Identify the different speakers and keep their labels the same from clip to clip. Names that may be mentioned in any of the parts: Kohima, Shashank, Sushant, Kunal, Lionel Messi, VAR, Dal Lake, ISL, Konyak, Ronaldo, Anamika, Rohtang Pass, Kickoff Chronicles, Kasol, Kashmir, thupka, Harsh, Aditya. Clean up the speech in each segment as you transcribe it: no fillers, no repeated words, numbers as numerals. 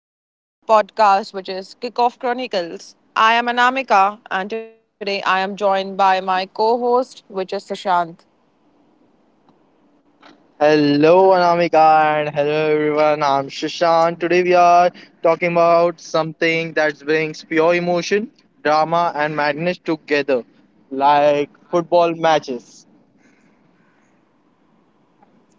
Speaker 1: Welcome back to our podcast, which is Kickoff Chronicles. I am Anamika, and today I am joined by my co host, which is Sushant.
Speaker 2: Hello, Anamika, and hello, everyone. I'm Shashank. Today, we are talking about something that brings pure emotion, drama, and madness together, like football matches.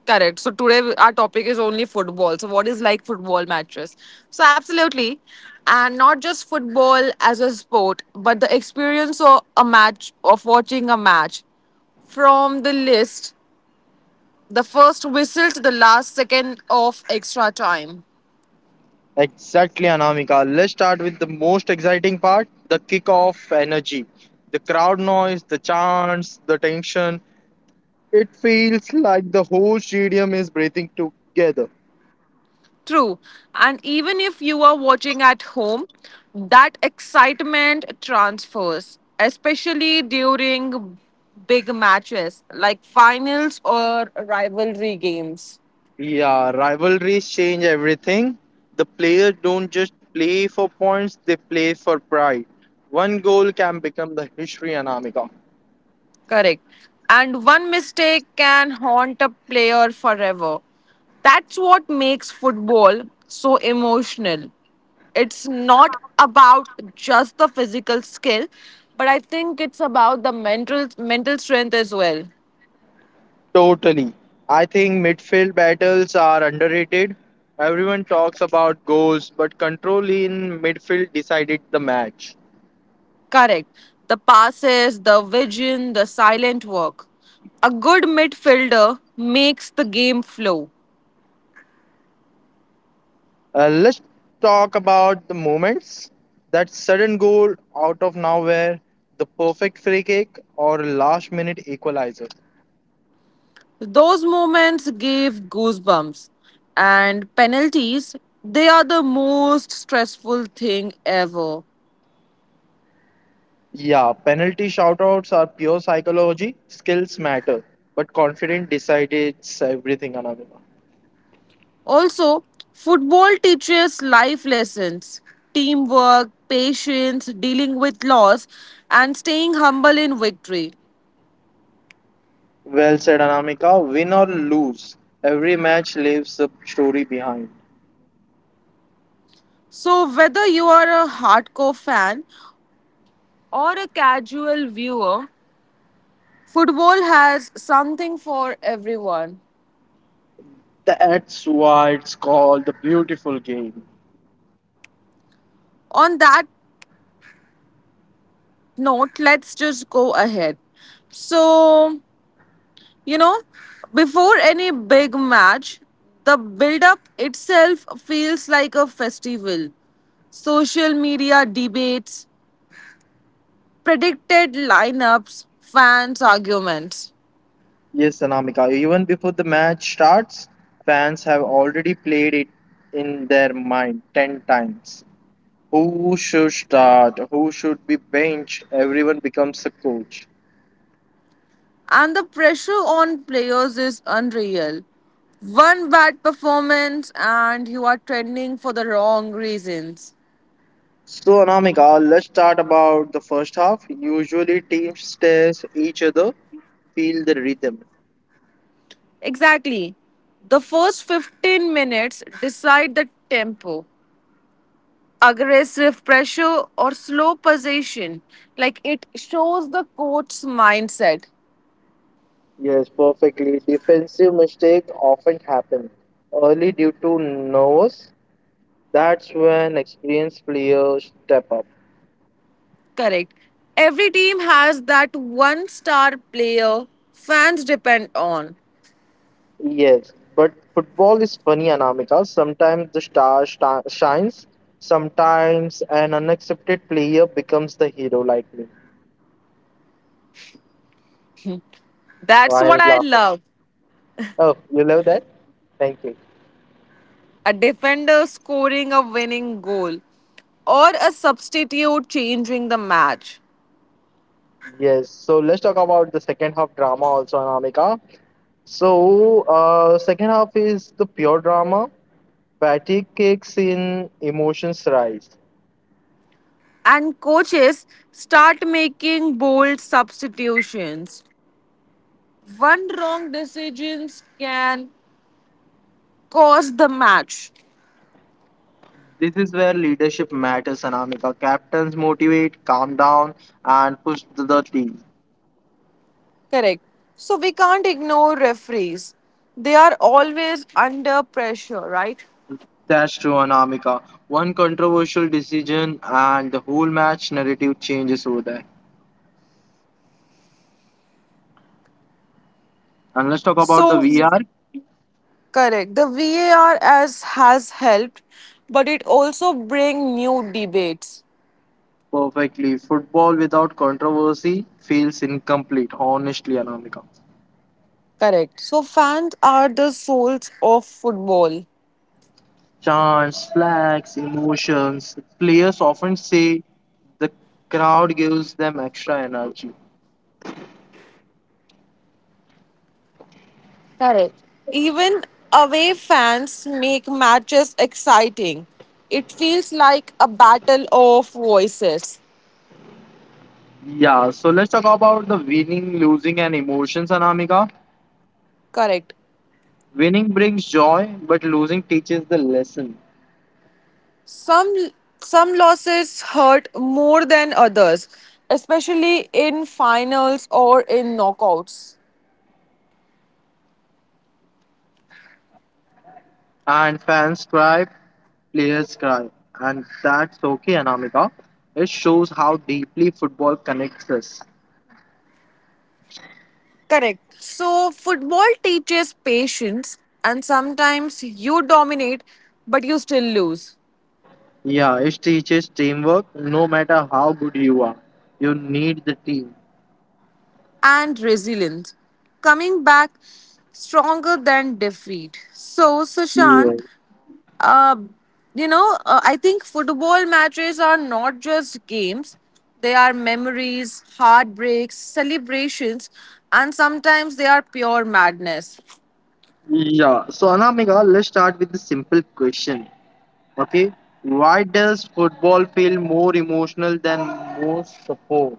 Speaker 1: Correct. So today our topic is only football. So what is like football matches? So absolutely, and not just football as a sport, but the experience of a match, of watching a match, from the list, the first whistle to the last second of extra time.
Speaker 2: Exactly, Anamika. Let's start with the most exciting part the kickoff energy. The crowd noise, the chants, the tension. It feels like the whole stadium is breathing together.
Speaker 1: True. And even if you are watching at home, that excitement transfers, especially during big matches like finals or rivalry games.
Speaker 2: Yeah, rivalries change everything. The players don't just play for points, they play for pride. One goal can become the history Anamika.
Speaker 1: Correct. And one mistake can haunt a player forever. That's what makes football so emotional. It's not about just the physical skill, but I think it's about the mental strength as well.
Speaker 2: Totally. I think midfield battles are underrated. Everyone talks about goals, but control in midfield decided the match.
Speaker 1: Correct. The passes, the vision, the silent work. A good midfielder makes the game flow.
Speaker 2: Let's talk about the moments. That sudden goal out of nowhere, the perfect free kick, or last minute equalizer.
Speaker 1: Those moments gave goosebumps. And penalties, they are the most stressful thing ever.
Speaker 2: Yeah, penalty shoutouts are pure psychology. Skills matter, but confident decides everything, Anamika.
Speaker 1: Also, football teaches life lessons teamwork, patience, dealing with loss, and staying humble in victory.
Speaker 2: Well said, Anamika. Win or lose, every match leaves a story behind.
Speaker 1: So, whether you are a hardcore fan or a casual viewer, football has something for everyone.
Speaker 2: That's why it's called the beautiful game.
Speaker 1: On that note, let's just go ahead. So, you know, before any big match, the build up itself feels like a festival. Social media debates, predicted lineups, fans' arguments.
Speaker 2: Yes, Anamika. Even before the match starts, fans have already played it in their mind 10 times. Who should start? Who should be benched? Everyone becomes a coach.
Speaker 1: And the pressure on players is unreal. One bad performance, and you are trending for the wrong reasons.
Speaker 2: So Anamika, let's start about the first half. Usually teams test each other, feel the rhythm.
Speaker 1: Exactly. The first 15 minutes decide the tempo. Aggressive pressure or slow possession. Like it shows the coach's mindset.
Speaker 2: Yes, perfectly. Defensive mistake often happen early due to nerves. That's when experienced players step up.
Speaker 1: Correct. Every team has that one star player fans depend on.
Speaker 2: Yes, but football is funny, Anamika. Sometimes the star shines. Sometimes an unaccepted player becomes the hero, like me.
Speaker 1: That's
Speaker 2: Why
Speaker 1: what
Speaker 2: are
Speaker 1: I
Speaker 2: you
Speaker 1: love.
Speaker 2: Oh, you love that? Thank you.
Speaker 1: A defender scoring a winning goal or a substitute changing the match.
Speaker 2: Yes, so let's talk about the second half drama also, Anamika. So, second half is the pure drama. Patty kicks in, emotions rise.
Speaker 1: And coaches start making bold substitutions. One wrong decisions can cause the match.
Speaker 2: This is where leadership matters, Anamika. Captains motivate, calm down, and push the team.
Speaker 1: Correct. So we can't ignore referees. They are always under pressure, right?
Speaker 2: That's true, Anamika. One controversial decision, and the whole match narrative changes over there. And let's talk about the
Speaker 1: So
Speaker 2: VR
Speaker 1: correct. The VAR as has helped, but it also bring new debates.
Speaker 2: perfectly. Football without controversy feels incomplete, honestly, Anamika.
Speaker 1: Correct. So fans are the souls of football.
Speaker 2: Chants, flags, emotions. Players often say the crowd gives them extra energy.
Speaker 1: Correct. Even away fans make matches exciting. It feels like a battle of voices.
Speaker 2: Yeah, so let's talk about the winning, losing, and emotions, Anamika.
Speaker 1: Correct.
Speaker 2: Winning brings joy, but losing teaches the lesson.
Speaker 1: Some some losses hurt more than others, especially in finals or in knockouts.
Speaker 2: And fans cry, players cry. And that's okay, Anamika. It shows how deeply football connects us.
Speaker 1: Correct. So football teaches patience and sometimes you dominate but you still lose
Speaker 2: Yeah, it teaches teamwork no matter how good you are. You need the team.
Speaker 1: and resilience. Coming back stronger than defeat. So Sushan,
Speaker 2: Yeah.
Speaker 1: uh, I think football matches are not just games. They are memories, heartbreaks, celebrations, and sometimes they are pure madness.
Speaker 2: Yeah, so Anamika, let's start with the simple question. Okay, why does football feel more emotional than most support?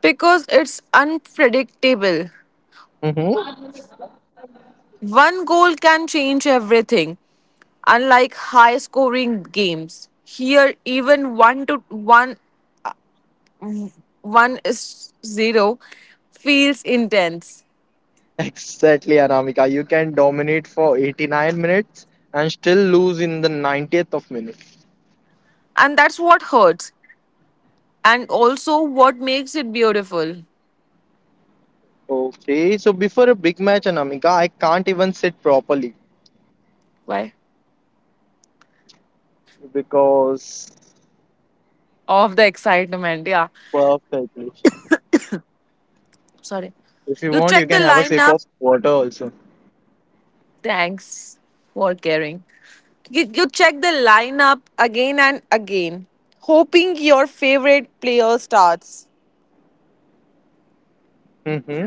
Speaker 1: Because it's unpredictable.
Speaker 2: Mm-hmm.
Speaker 1: One goal can change everything, unlike high scoring games. Here, even 1 to 1, 1 is 0 feels intense.
Speaker 2: Exactly, Anamika. You can dominate for 89 minutes and still lose in the 90th of minute.
Speaker 1: And that's what hurts, and also what makes it beautiful.
Speaker 2: Okay, so before a big match, Anamika, I can't even sit properly
Speaker 1: Why?
Speaker 2: because
Speaker 1: Of the excitement, yeah.
Speaker 2: perfectly.
Speaker 1: Sorry.
Speaker 2: If you
Speaker 1: You
Speaker 2: want, you
Speaker 1: check the
Speaker 2: can have a sip
Speaker 1: lineup.
Speaker 2: of water also.
Speaker 1: Thanks for caring. You check the lineup again and again, hoping your favorite player starts.
Speaker 2: Mm-hmm.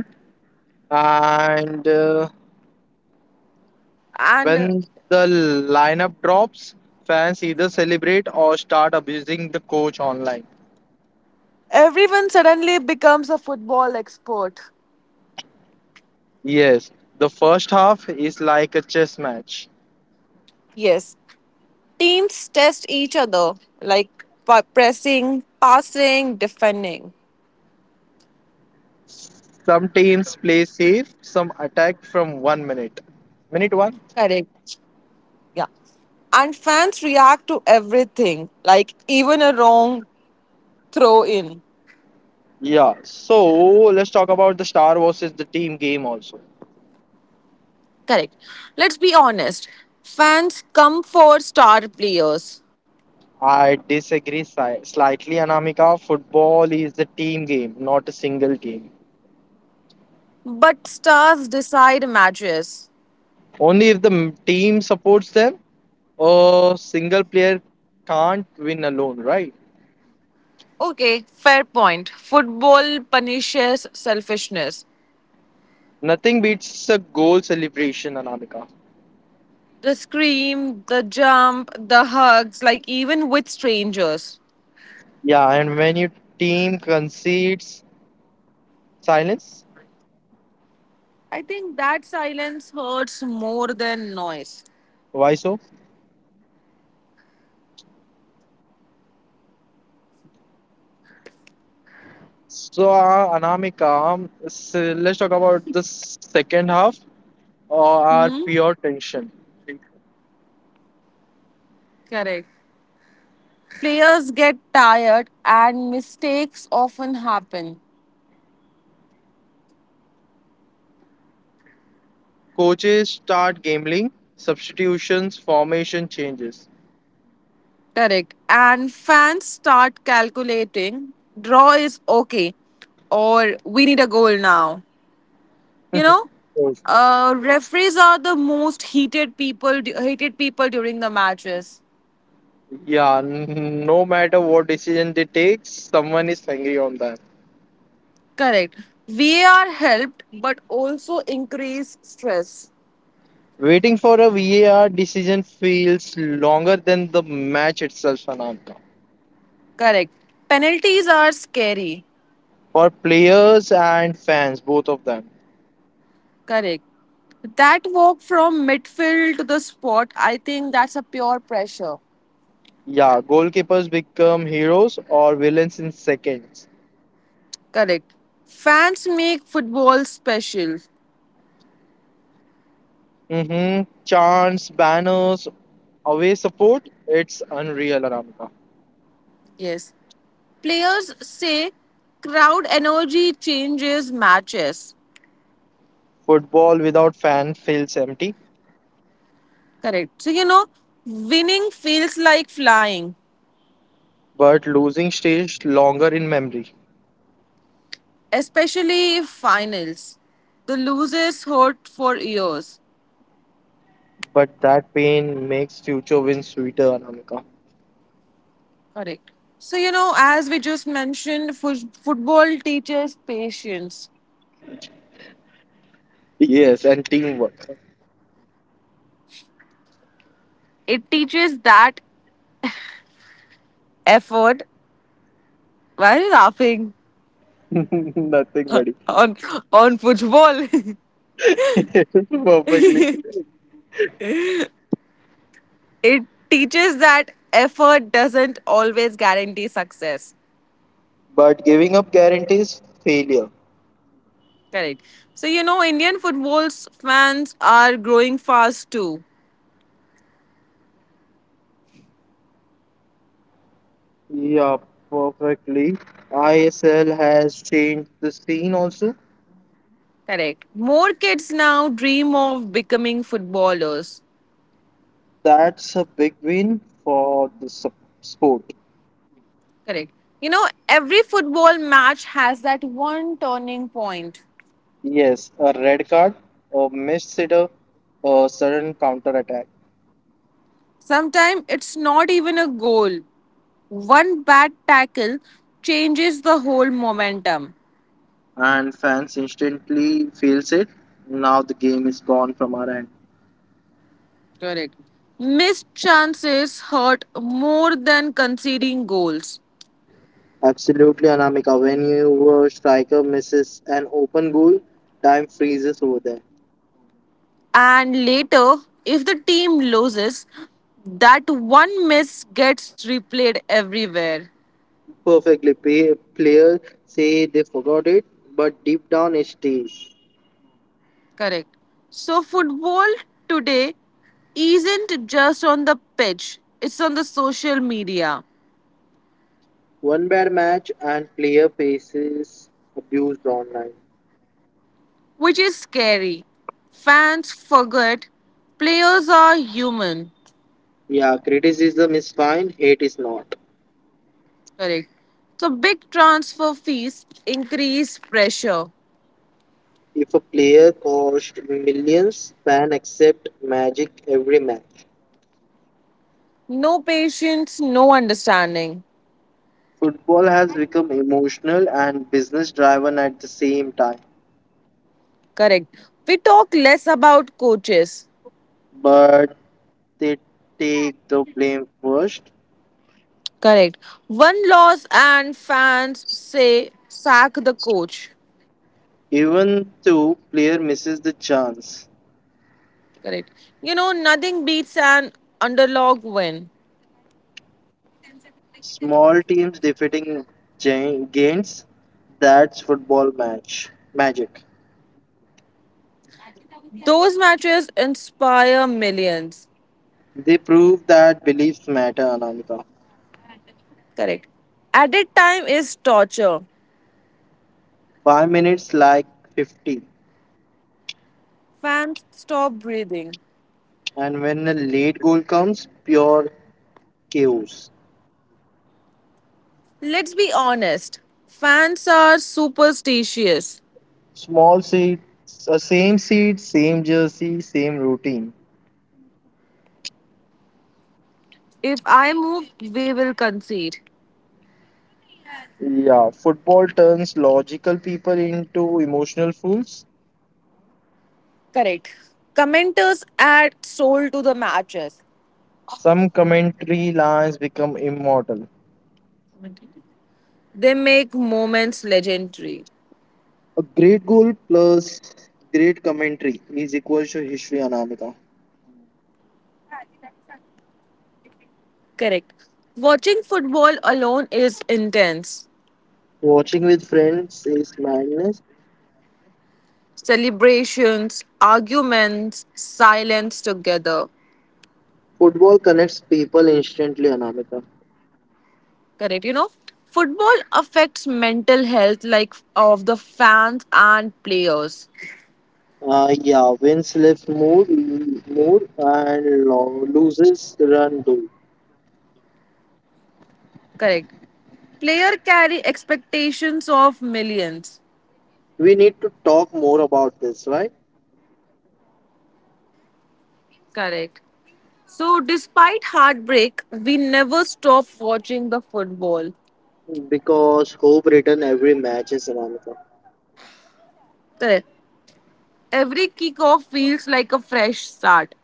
Speaker 2: And
Speaker 1: And
Speaker 2: when the lineup drops, fans either celebrate or start abusing the coach online.
Speaker 1: everyone suddenly becomes a football expert.
Speaker 2: Yes, the first half is like a chess match.
Speaker 1: Yes. Teams test each other, like pressing, passing, defending.
Speaker 2: Some teams play safe, some attack from 1 minute. Minute one?
Speaker 1: Correct. Yeah. And fans react to everything, like even a wrong throw in.
Speaker 2: Yeah, so let's talk about the star versus the team game also.
Speaker 1: Correct. Let's be honest. Fans come for star players,
Speaker 2: I disagree slightly, Anamika. Football is the team game, not a single game.
Speaker 1: but stars decide matches.
Speaker 2: Only if the team supports them, a single player can't win alone, right?
Speaker 1: Okay, fair point. Football punishes selfishness.
Speaker 2: Nothing beats a goal celebration, Anamika.
Speaker 1: The scream, the jump, the hugs, like even with strangers.
Speaker 2: Yeah, and when your team concedes silence,
Speaker 1: I think that silence hurts more than noise.
Speaker 2: why so? So, Anamika, let's talk about the second half or our
Speaker 1: hmm
Speaker 2: pure tension.
Speaker 1: Correct. Players get tired and mistakes often happen.
Speaker 2: Coaches start gambling, substitutions, formation changes.
Speaker 1: Correct. And fans start calculating draw is okay or we need a goal now. You know?
Speaker 2: Yes.
Speaker 1: Referees are the most heated people hated people during the matches.
Speaker 2: Yeah, no matter what decision they take, someone is angry on that.
Speaker 1: Correct. VAR helped but also increased stress.
Speaker 2: Waiting for a VAR decision feels longer than the match itself, Anamka.
Speaker 1: Correct. Penalties are scary.
Speaker 2: For players and fans, both of them.
Speaker 1: Correct. That walk from midfield to the spot, I think that's a pure pressure.
Speaker 2: Yeah, goalkeepers become heroes or villains in seconds.
Speaker 1: Correct. Fans make football special.
Speaker 2: Mm-hmm. Chants, banners, away support. It's unreal, Anamika.
Speaker 1: Yes. Players say crowd energy changes matches.
Speaker 2: Football without fan feels empty,
Speaker 1: Correct. So, winning feels like flying,
Speaker 2: but losing stays longer in memory.
Speaker 1: especially finals. The losers hurt for years.
Speaker 2: But that pain makes future wins sweeter, Anamika.
Speaker 1: Correct. So, as we just mentioned, football teaches patience.
Speaker 2: Yes, and teamwork.
Speaker 1: It teaches that effort. Why are you laughing?
Speaker 2: Nothing, buddy.
Speaker 1: on football?
Speaker 2: Perfectly.
Speaker 1: it teaches that effort doesn't always guarantee success.
Speaker 2: But giving up guarantees failure.
Speaker 1: Correct. So, Indian football fans are growing fast too.
Speaker 2: Yeah, perfectly. ISL has changed the scene also.
Speaker 1: Correct. More kids now dream of becoming footballers.
Speaker 2: That's a big win for the sport.
Speaker 1: Correct. You know, every football match has that one turning point.
Speaker 2: Yes, a red card, a missed sitter, a sudden counter attack,
Speaker 1: Sometimes it's not even a goal. One bad tackle changes the whole momentum.
Speaker 2: and fans instantly feels it. Now the game is gone from our end.
Speaker 1: Correct. Missed chances hurt more than conceding goals.
Speaker 2: Absolutely, Anamika. When your striker misses an open goal, time freezes over there.
Speaker 1: And later, if the team loses, that one miss gets replayed everywhere.
Speaker 2: Perfectly. Players say they forgot it, but deep down it stays.
Speaker 1: Correct. So, football today isn't just on the pitch, it's on the social media,
Speaker 2: One bad match and player faces abuse online.
Speaker 1: which is scary. Fans forget players are human.
Speaker 2: Yeah, criticism is fine, hate is not.
Speaker 1: Correct. So, big transfer fees increase pressure.
Speaker 2: If a player cost millions, fans accept magic every match.
Speaker 1: No patience, no understanding.
Speaker 2: Football has become emotional and business driven at the same time,
Speaker 1: Correct. We talk less about coaches.
Speaker 2: but they take the blame first,
Speaker 1: Correct. One loss and fans say sack the coach.
Speaker 2: even though player misses the chance.
Speaker 1: Correct. You know, nothing beats an underdog win.
Speaker 2: Small teams defeating giants. That's football match magic.
Speaker 1: Those matches inspire millions.
Speaker 2: They prove that beliefs matter, Anamika.
Speaker 1: Correct. Added time is torture.
Speaker 2: 5 minutes like 50,
Speaker 1: Fans stop breathing.
Speaker 2: and when a late goal comes, pure chaos.
Speaker 1: Let's be honest. Fans are superstitious.
Speaker 2: Small seed, same seed, same jersey, same routine.
Speaker 1: If I move, we will concede.
Speaker 2: Yeah, football turns logical people into emotional fools.
Speaker 1: Correct. Commenters add soul to the matches.
Speaker 2: Some commentary lines become immortal.
Speaker 1: They make moments legendary.
Speaker 2: A great goal plus great commentary is equal to history, Anamika.
Speaker 1: Correct. Watching football alone is intense.
Speaker 2: Watching with friends is madness.
Speaker 1: Celebrations, arguments, silence together.
Speaker 2: Football connects people instantly, Anamika.
Speaker 1: Correct. You know, football affects mental health like of the fans and players.
Speaker 2: Yeah, wins lifts more, and loses run goal.
Speaker 1: Correct. Player carry expectations of millions.
Speaker 2: We need to talk more about this, right?
Speaker 1: Correct. So, despite heartbreak, we never stop watching the football.
Speaker 2: Because hope written every match is Anamika.
Speaker 1: Correct. Every kickoff feels like a fresh start.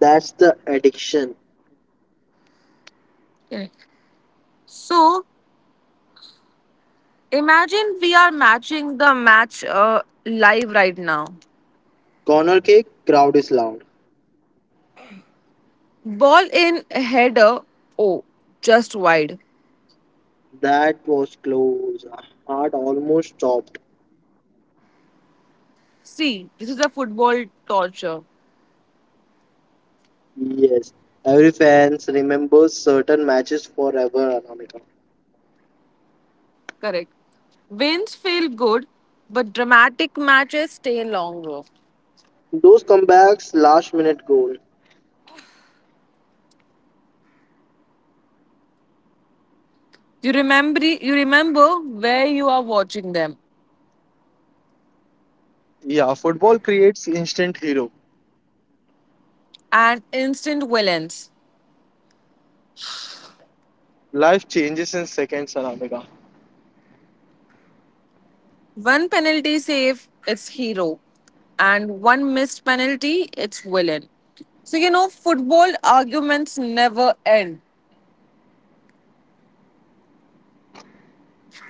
Speaker 2: That's the addiction.
Speaker 1: So, imagine we are matching the match live right now.
Speaker 2: Corner kick, crowd is loud.
Speaker 1: Ball in, header, oh, just wide.
Speaker 2: That was close. Heart almost stopped.
Speaker 1: See, this is a football torture.
Speaker 2: Yes, every fans remembers certain matches forever, Anamika.
Speaker 1: Correct. Wins feel good, but dramatic matches stay longer.
Speaker 2: Those comebacks, last minute goal.
Speaker 1: You remember where you are watching them.
Speaker 2: Yeah, football creates instant hero.
Speaker 1: And instant villains.
Speaker 2: Life changes in seconds, Anamika.
Speaker 1: One penalty save, it's hero, and one missed penalty, it's villain. So, you know, football arguments never end.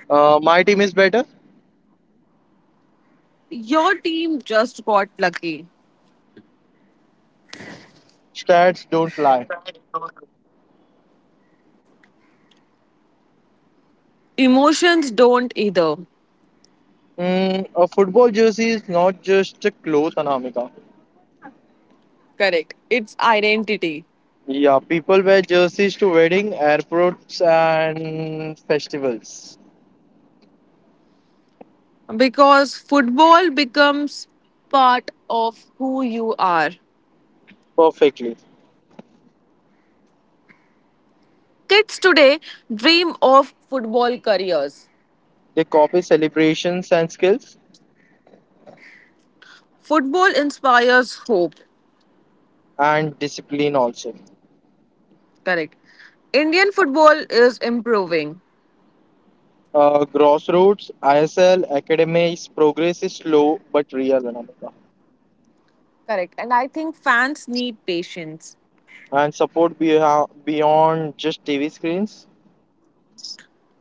Speaker 2: My team is better.
Speaker 1: Your team just got lucky.
Speaker 2: Stats don't lie.
Speaker 1: Emotions don't either.
Speaker 2: Mm, a football jersey is not just a cloth, Anamika.
Speaker 1: Correct. It's identity.
Speaker 2: Yeah, people wear jerseys to wedding, airports, and festivals.
Speaker 1: Because football becomes part of who you are.
Speaker 2: Perfectly.
Speaker 1: Kids today dream of football careers.
Speaker 2: They copy celebrations and skills
Speaker 1: Football inspires hope.
Speaker 2: and discipline also.
Speaker 1: Correct. Indian football is improving.
Speaker 2: Grassroots, ISL, academics, progress is slow but real, Anamika.
Speaker 1: Correct. And I think fans need patience.
Speaker 2: And support beyond just TV screens.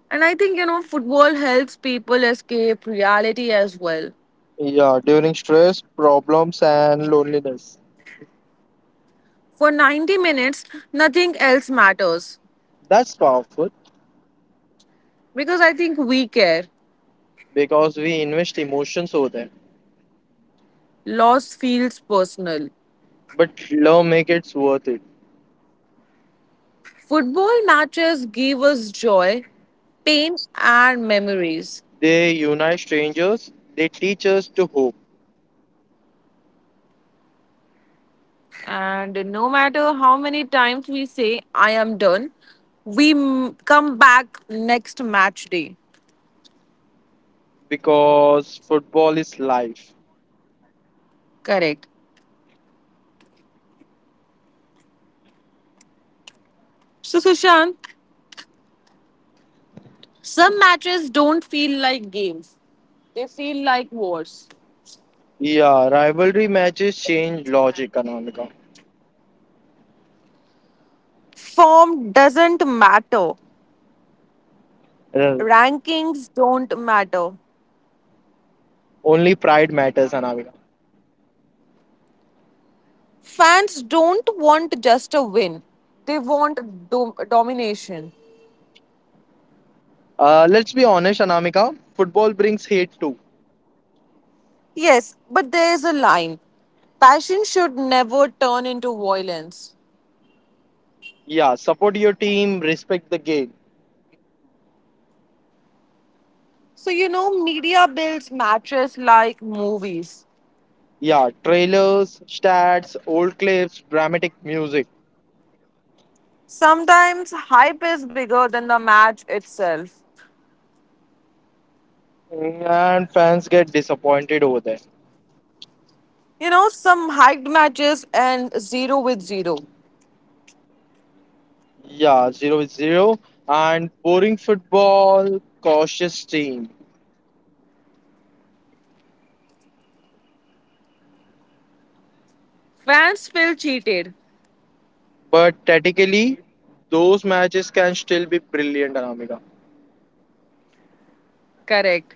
Speaker 1: And I think, football helps people escape reality as well.
Speaker 2: Yeah, during stress, problems, and loneliness.
Speaker 1: For 90 minutes, nothing else matters.
Speaker 2: That's powerful
Speaker 1: Because I think we care.
Speaker 2: because we invest emotions over them.
Speaker 1: Loss feels personal.
Speaker 2: But love makes it worth it.
Speaker 1: Football matches give us joy, pain, and memories.
Speaker 2: They unite strangers, they teach us to hope
Speaker 1: And no matter how many times we say, I am done, come back next match day.
Speaker 2: because football is life.
Speaker 1: Correct. So, Sushant, some matches don't feel like games, they feel like wars.
Speaker 2: Yeah, rivalry matches change logic, Anamika.
Speaker 1: Form doesn't matter.
Speaker 2: Uh,
Speaker 1: Rankings don't matter.
Speaker 2: Only pride matters, Anamika.
Speaker 1: Fans don't want just a win, they want domination.
Speaker 2: Let's be honest, Anamika. Football brings hate too.
Speaker 1: Yes, but there is a line. Passion should never turn into violence.
Speaker 2: Yeah, support your team, respect the game.
Speaker 1: So, media builds matches like movies.
Speaker 2: Yeah, trailers, stats, old clips, dramatic music.
Speaker 1: Sometimes hype is bigger than the match itself.
Speaker 2: And fans get disappointed over there.
Speaker 1: You know, some hiked matches and zero with zero.
Speaker 2: Yeah, zero is zero. And boring football, cautious team.
Speaker 1: Fans feel cheated.
Speaker 2: But tactically, those matches can still be brilliant, Anamika.
Speaker 1: Correct.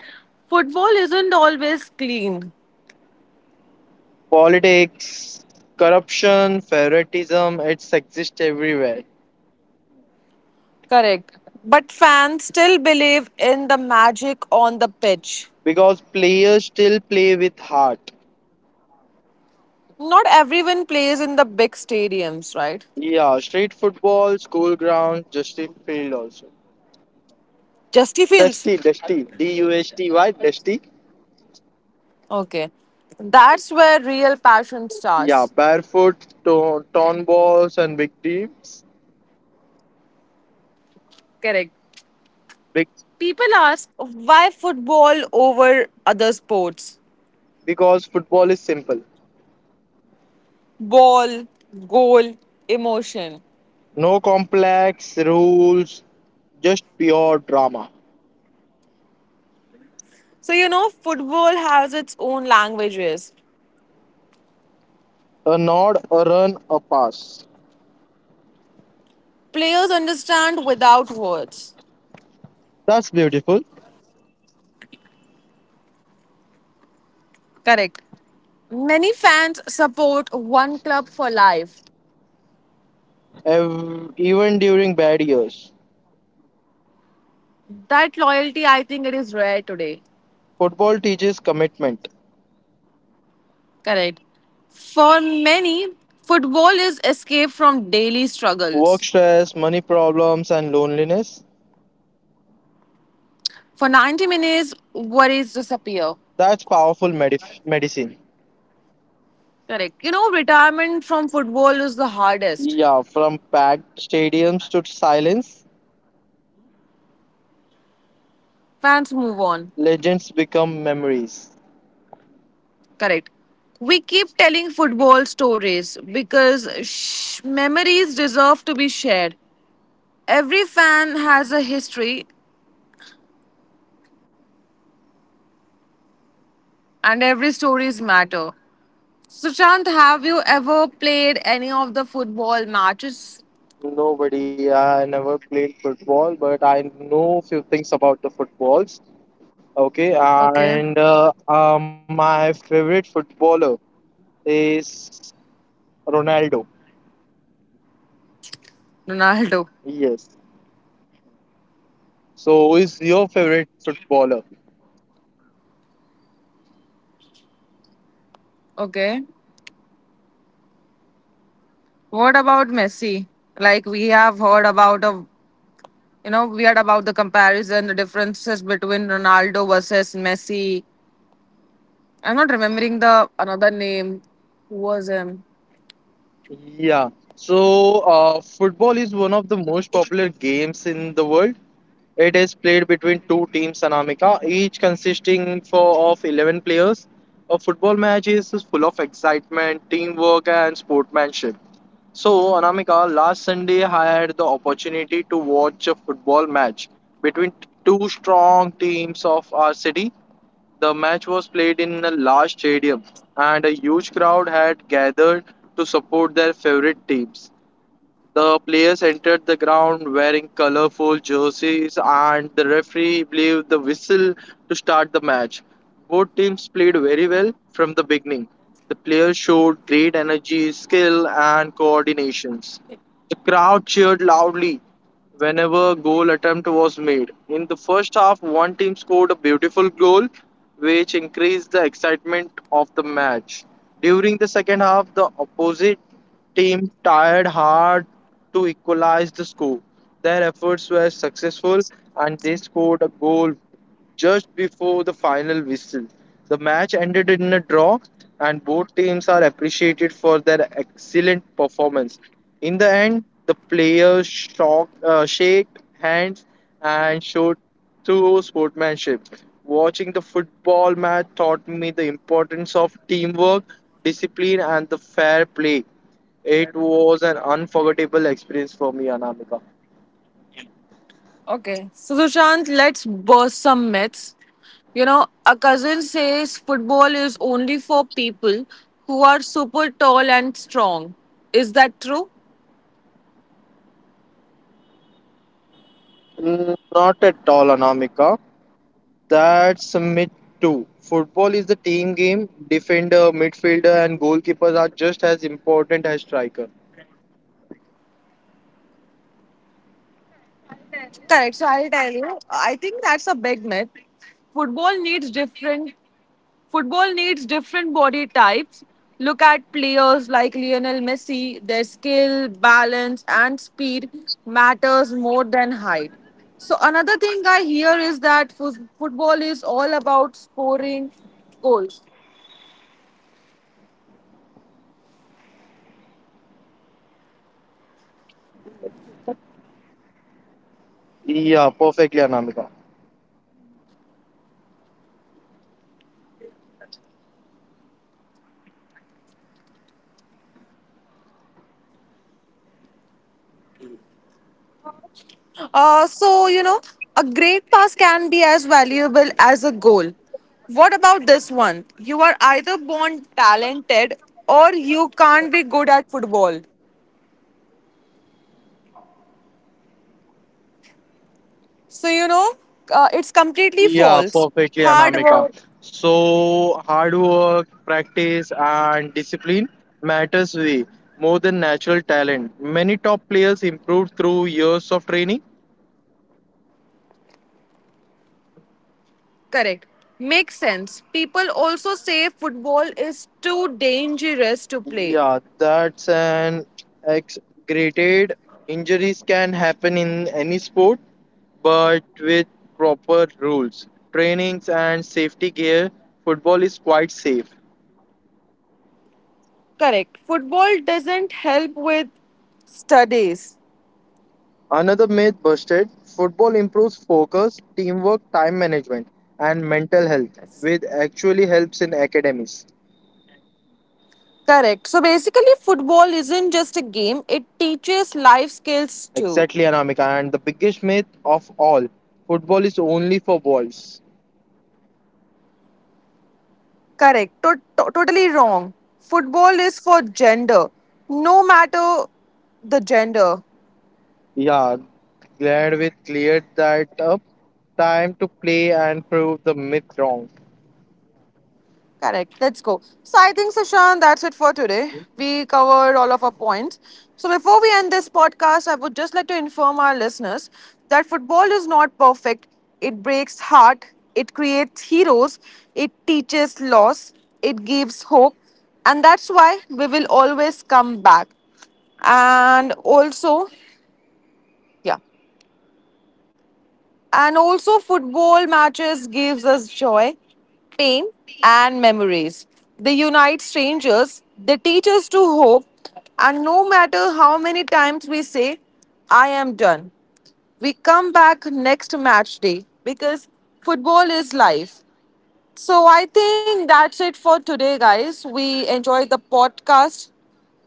Speaker 1: Football isn't always clean.
Speaker 2: Politics, corruption, favoritism, it's exists everywhere.
Speaker 1: Correct. But fans still believe in the magic on the pitch.
Speaker 2: Because players still play with heart.
Speaker 1: Not everyone plays in the big stadiums, right?
Speaker 2: Yeah, street football, school ground, dusty field also.
Speaker 1: Just he feels.
Speaker 2: D U S T Y, dusty.
Speaker 1: Okay. That's where real passion
Speaker 2: Yeah,
Speaker 1: starts.
Speaker 2: barefoot, torn balls, and big teams.
Speaker 1: Correct.
Speaker 2: Big,
Speaker 1: People ask why football over other sports?
Speaker 2: because football is simple.
Speaker 1: Ball, goal, emotion.
Speaker 2: No complex rules, just pure drama.
Speaker 1: So, you know, football has its own languages.
Speaker 2: A nod, a run, a pass.
Speaker 1: Players understand without words.
Speaker 2: That's beautiful.
Speaker 1: Correct. Many fans support one club for life.
Speaker 2: Even during bad years,
Speaker 1: That loyalty, I think, it is rare today.
Speaker 2: football teaches commitment.
Speaker 1: Correct. For many, football is escape from daily
Speaker 2: Work
Speaker 1: struggles.
Speaker 2: stress, money problems, and loneliness.
Speaker 1: For 90 minutes, worries disappear.
Speaker 2: That's powerful medicine.
Speaker 1: Correct. You know, retirement from football is the hardest.
Speaker 2: Yeah, from packed stadiums to silence,
Speaker 1: Fans move on.
Speaker 2: legends become memories.
Speaker 1: Correct. We keep telling football stories because memories deserve to be shared. Every fan has a history and every stories matter. Sushant, have you ever played any of the football matches?
Speaker 2: Nobody, I never played football, but I know few things about the footballs. Okay,
Speaker 1: Okay.
Speaker 2: and my favorite footballer is Ronaldo.
Speaker 1: Ronaldo.
Speaker 2: Yes. So, who is your favorite footballer?
Speaker 1: Okay. What about Messi? Like we have heard about of we heard about the comparison, the differences between Ronaldo versus Messi. I'm not remembering the another name. Who was him?
Speaker 2: Yeah. So, football is one of the most popular games in the world. It is played between two teams, Anamika, each consisting for, of 11 players. A football match is full of excitement, teamwork, and sportsmanship. So, Anamika, last Sunday I had the opportunity to watch a football match between two strong teams of our city. The match was played in a large stadium, and a huge crowd had gathered to support their favorite teams. The players entered the ground wearing colorful jerseys, and the referee blew the whistle to start the match. Both teams played very well from the beginning. The players showed great energy, skill, and coordinations. The crowd cheered loudly whenever a goal attempt was made. In the first half, one team scored a beautiful goal, which increased the excitement of the match. During the second half, the opposite team tried hard to equalize the score. Their efforts were successful and they scored a goal just before the final whistle. The match ended in a draw, and both teams are appreciated for their excellent performance. In the end, the players shake hands and showed true sportsmanship. Watching the football match taught me the importance of teamwork, discipline, and the fair play. It was an unforgettable experience for me, Anamika.
Speaker 1: Okay. So, Sushant, let's burst some myths. You know, a cousin says football is only for people who are super tall and strong. Is that true?
Speaker 2: Mm, not at all, Anamika. That's mid too. Football is the team game. Defender, midfielder, and goalkeepers are just as important as striker.
Speaker 1: Correct. So, I'll tell you. I think that's a big myth. Football needs different Football needs different body types. Look at players like Lionel Messi, their skill, balance, and speed matters more than height. So another thing I hear is that football is all about scoring goals.
Speaker 2: Yeah, perfectly, Anamika.
Speaker 1: So a great pass can be as valuable as a goal. What about this one? You are either born talented or you can't be good at football. So it's completely
Speaker 2: Yeah,
Speaker 1: false.
Speaker 2: perfectly,
Speaker 1: Hard
Speaker 2: Anamika.
Speaker 1: work.
Speaker 2: So hard work, practice, and discipline matters way more than natural talent. Many top players improve through years of training.
Speaker 1: Correct. Makes sense. People also say football is too dangerous to play.
Speaker 2: Yeah, that's an exaggerated. Injuries can happen in any sport, but with proper rules, trainings, and safety gear, football is quite safe.
Speaker 1: Correct. Football doesn't help with studies.
Speaker 2: Another myth busted football improves focus, teamwork, time management, and mental health,
Speaker 1: Yes.
Speaker 2: which actually helps in academies.
Speaker 1: Correct. So basically, football isn't just a game, it teaches life skills too.
Speaker 2: Exactly, Anamika. And the biggest myth of all football is only for boys.
Speaker 1: Correct. Totally wrong. Football is for gender, no matter the gender.
Speaker 2: Yeah, glad we cleared that up. Time to play and prove the myth wrong.
Speaker 1: Correct. Let's go. So I think, Sushant, that's it for today. We covered all of our points. So before we end this podcast, I would just like to inform our listeners that football is not perfect. It breaks heart. It creates heroes. It teaches loss. It gives hope. And that's why we will always come back. And also, yeah. And also, football matches gives us joy, pain, and memories. They unite strangers. They teach us to hope. And no matter how many times we say, I am done, we come back next match day because football is life. So I think that's it for today, guys.
Speaker 2: Yeah,
Speaker 1: We
Speaker 2: guys.
Speaker 1: enjoyed the podcast.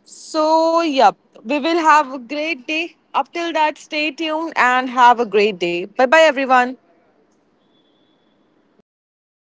Speaker 1: So, yep, we will have a great day. Up till that, stay tuned and have a
Speaker 2: Yeah,
Speaker 1: great
Speaker 2: bye bye,
Speaker 1: day. Bye bye,
Speaker 2: guys.
Speaker 1: everyone.
Speaker 2: Bye bye,